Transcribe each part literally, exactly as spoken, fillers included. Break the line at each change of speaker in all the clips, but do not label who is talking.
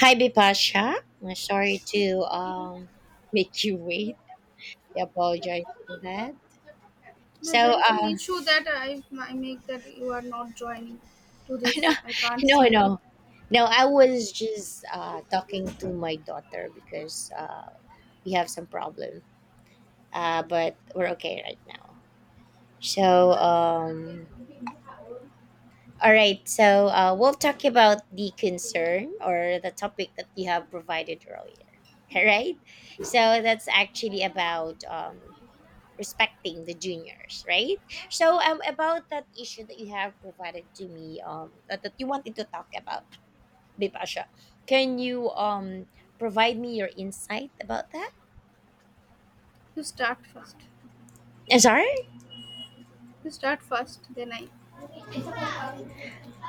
Hi, Bipasha. I'm sorry to um, make you wait. I apologize for that.
No,
So,
there is an
uh,
issue that I, I make that you are not joining to this.
no,
I can't
no,
see you.
no, no. I was just uh, talking to my daughter because uh, we have some problem, uh, but we're okay right now. So, um, all right. So, uh, we'll talk about the concern or the topic that you have provided earlier. All right. So that's actually about um, respecting the juniors, right? So um about that issue that you have provided to me um that, that you wanted to talk about, Bipasha, can you um provide me your insight about that?
You start first.
Uh, Sorry?
You start first, then I.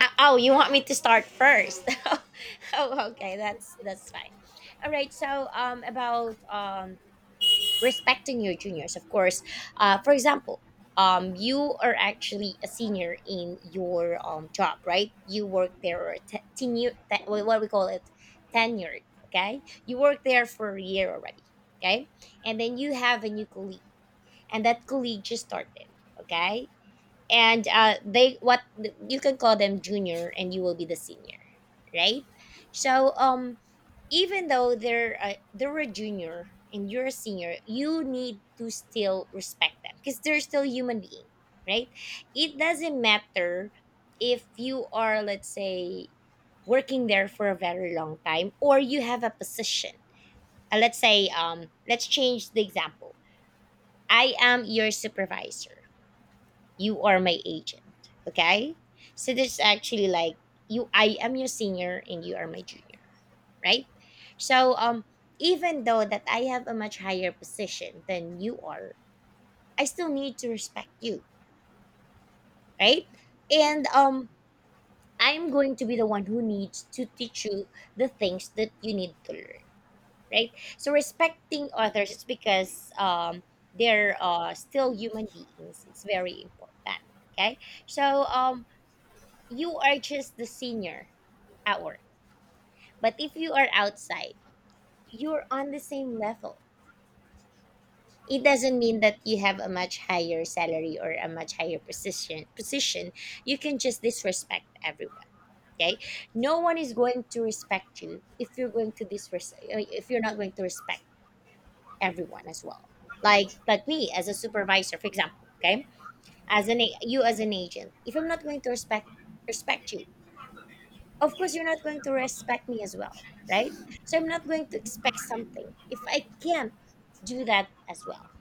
Uh, oh, you want me to start first? oh, okay, that's that's fine. All right. So um about um respecting your juniors, of course, uh, for example, um, you are actually a senior in your um, job, right? You work there or te- tenure, te- wha- what we call it, tenured. Okay, you work there for a year already. Okay, and then you have a new colleague and that colleague just started. Okay, and uh, they what, you can call them junior and you will be the senior, right? So um even though they're uh, they're a junior and you're a senior, you need to still respect them because they're still human being, right? It doesn't matter if you are, let's say, working there for a very long time or you have a position. uh, let's say, um let's change the example. I am your supervisor, you are my agent. Okay, so this is actually like, you I am your senior and you are my junior, right? So um even though that I have a much higher position than you are, I still need to respect you, right? And um I'm going to be the one who needs to teach you the things that you need to learn, right? So respecting others is because um they're uh, still human beings, it's very important. Okay, so um you are just the senior at work. But if you are outside, you're on the same level. It doesn't mean that you have a much higher salary or a much higher position position. You can just disrespect everyone. Okay? No one is going to respect you if you're going to disres- uh, if you're not going to respect everyone as well. Like like me as a supervisor, for example, okay? As an a- you as an agent, if I'm not going to respect respect you, of course you're not going to respect me as well, right? So I'm not going to expect something if I can't do that as well,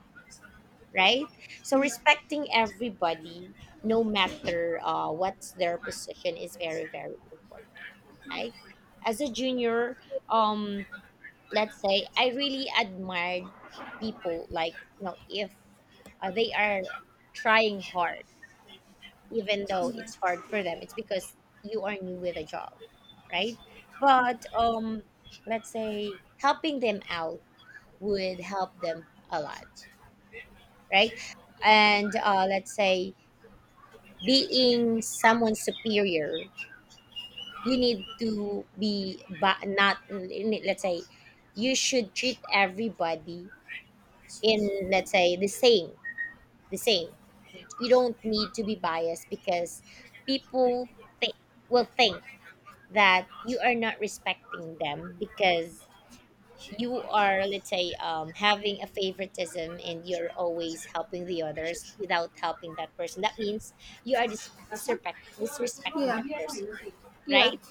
right? So
Yeah.
respecting everybody no matter uh, what's their position is very very important, right? As a junior, um let's say I really admired people, like, you know, if uh, they are trying hard even though it's hard for them, it's because you are new with a job, right? But um let's say helping them out would help them a lot, right? And uh, let's say being someone superior, you need to be, but not, let's say, you should treat everybody in, let's say, the same the same. You don't need to be biased because people think will think that you are not respecting them because you are, let's say, um, having a favoritism and you're always helping the others without helping that person, that means you are dis- disrespect- disrespecting
Yeah.
that person,
Yeah.
right?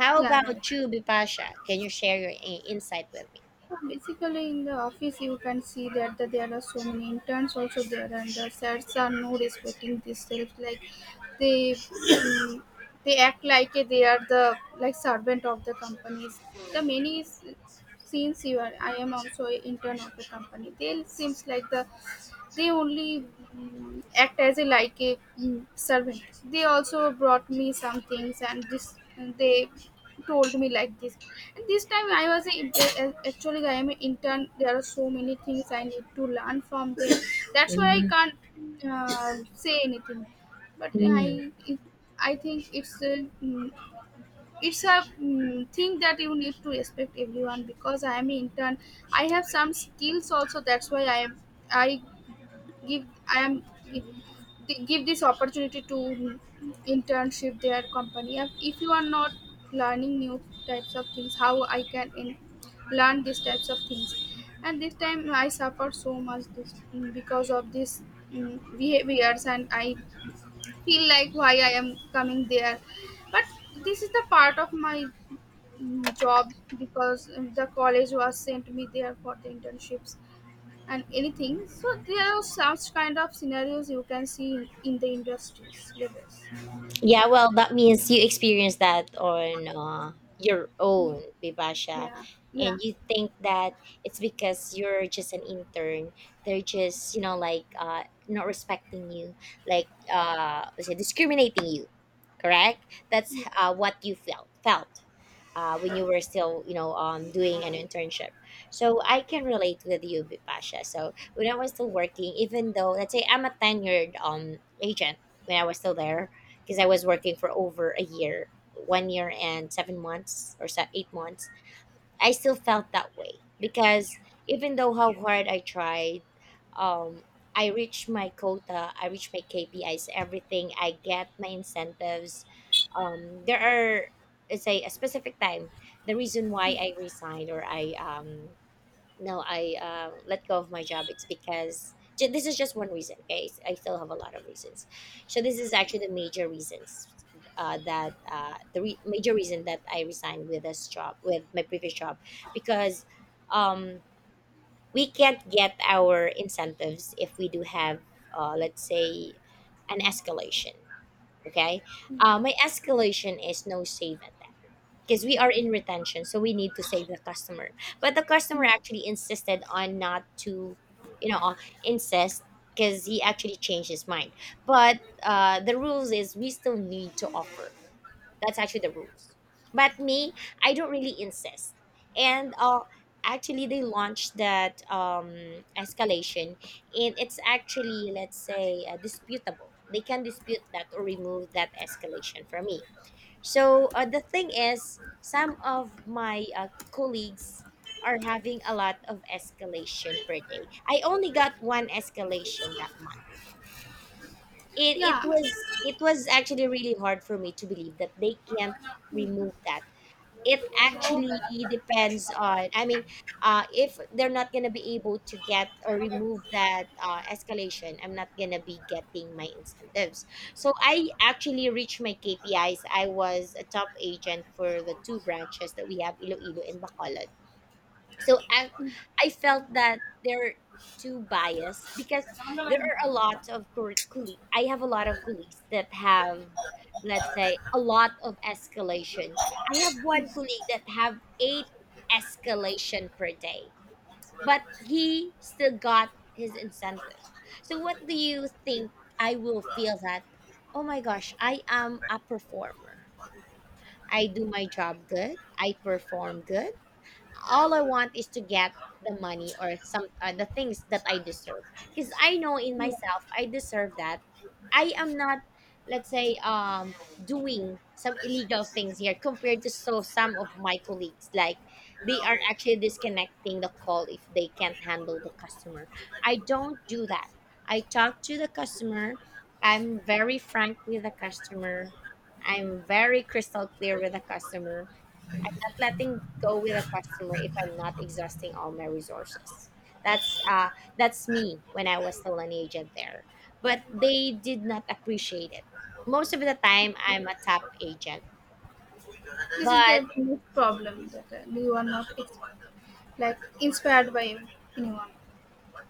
How
Yeah. Right.
about you, Bipasha, can you share your i- insight with me?
Yeah, basically, in the office, you can see that the, there are so many interns also there, and the sets are not respecting themselves. Like they, um, they act like they are the like servant of the companies. The many s- since you are, I am also an intern of the company. They seems like the they only mm, act as a like a mm, servant. They also brought me some things, and this they told me like this. And this time I was a, actually I am an intern. There are so many things I need to learn from them. That's why I can't uh, say anything. But
Mm-hmm.
I I think it's a mm, it's a mm, thing that you need to respect everyone because I am an intern. I have some skills also. That's why I am I give I am gi- give this opportunity to internship their company. And if you are not learning new types of things, how I can in, learn these types of things? And this time I suffered so much this because of this mm, behaviors, and I feel like why I am coming there. But this is the part of my mm, job because mm, the college was sent me there for the internships and anything. So there are such kind of scenarios you can see in, in the industries levels.
Yeah, well, that means you experienced that on uh, your
Yeah,
own, Bibasha.
yeah, yeah,
And you think that it's because you're just an intern. They're just, you know, like, uh, not respecting you, like, uh, was it discriminating you, correct? That's uh, what you felt. Felt uh, when you were still, you know, um, doing an internship. So I can relate with you, B- Pasha. So when I was still working, even though, let's say, I'm a tenured um agent, when I was still there, because I was working for over a year, one year and seven months or se- eight months, I still felt that way because even though how hard I tried, um, I reached my quota, I reached my K P Is, everything. I get my incentives. Um, there are, let's say, a specific time. The reason why I resigned or I um, no, I um, let go of my job. It's because ju- this is just one reason. Okay, S- I still have a lot of reasons. So this is actually the major reasons, uh, that uh, the re- major reason that I resigned with this job, with my previous job, because um, we can't get our incentives if we do have, uh, let's say, an escalation. Okay,
yeah,
uh, my escalation is no save at because we are in retention, so we need to save the customer, but the customer
yeah,
actually insisted on not to, you know, insist because he actually changed his mind. But uh, the rules is we still need to offer, that's actually the rules. But me, I don't really insist. And uh, actually they launched that um, escalation, and it's actually, let's say, uh, disputable, they can dispute that or remove that escalation from me. So uh, the thing is, some of my uh, colleagues are having a lot of escalation per day. I only got one escalation that month. It it
yeah, yeah,
was it was actually really hard for me to believe that they can't remove that. It actually depends on, I mean, uh, if they're not going to be able to get or remove that uh, escalation, I'm not going to be getting my incentives. So I actually reached my KPIs, I was a top agent for the two branches that we have, Iloilo and Bacolod. So I I felt that they're too biased because there are a lot of cool. I have a lot of colleagues that have, let's say, a lot of escalation. I have one
yeah,
colleague that have eight escalation per day, but he still got his incentive. So what do you think I will feel that? Oh my gosh, I am a performer. I do my job good. I perform good. All I want is to get the money or some, uh, the things that I deserve because I know in
yeah.
myself I deserve that. I am not, let's say, um doing some illegal things here compared to so some of my colleagues, like, they are actually disconnecting the call if they can't handle the customer. I don't do that. I talk to the customer. I'm very frank with the customer. I'm very crystal clear with the customer. I'm not letting go with a customer if I'm not exhausting all my resources. That's uh that's me when I was still an agent there. But they did not appreciate it. Most of the time I'm a top agent.
This is
But
the problem that uh, you are not ex- like inspired by anyone.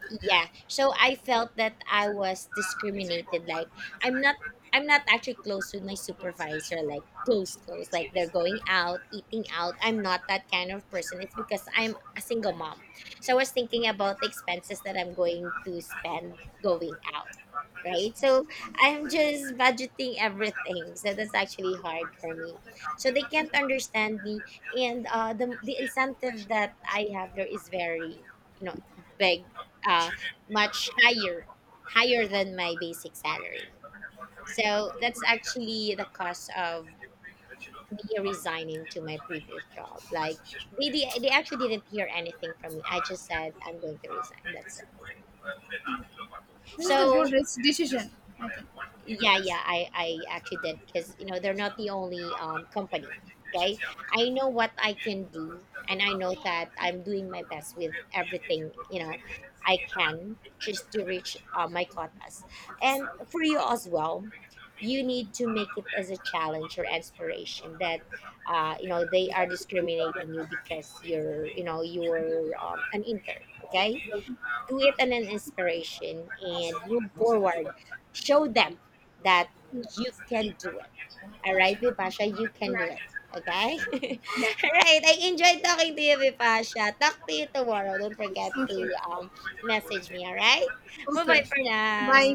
yeah, so I felt that I was discriminated, like, i'm not I'm not actually close with my supervisor, like, close close like they're going out, eating out. I'm not that kind of person, it's because I'm a single mom. So I was thinking about the expenses that I'm going to spend going out, right? So I'm just budgeting everything, so that's actually hard for me. So they can't understand me. And uh the, the incentive that I have there is very, you know, big, uh, much higher, higher than my basic salary. So that's actually the cost of me resigning to my previous job. Like they, they, they actually didn't hear anything from me. I just said I'm going to resign. That's it.
This is a good
So
risk decision, I think.
yeah, yeah, I, I actually did because you know they're not the only um, company. Okay, I know what I can do, and I know that I'm doing my best with everything, you know, I can, just to reach uh, my quotas. And for you as well, you need to make it as a challenge or inspiration that, uh, you know, they are discriminating you because you're, you know, you're um, an intern. Okay, do it as an inspiration and move forward. Show them that you can do it. All right, Bipasha, you can do it. Okay? All right, I enjoyed talking to you, Bipasha. Talk to you tomorrow. Don't forget to um, message me, all right? Bye-bye for now.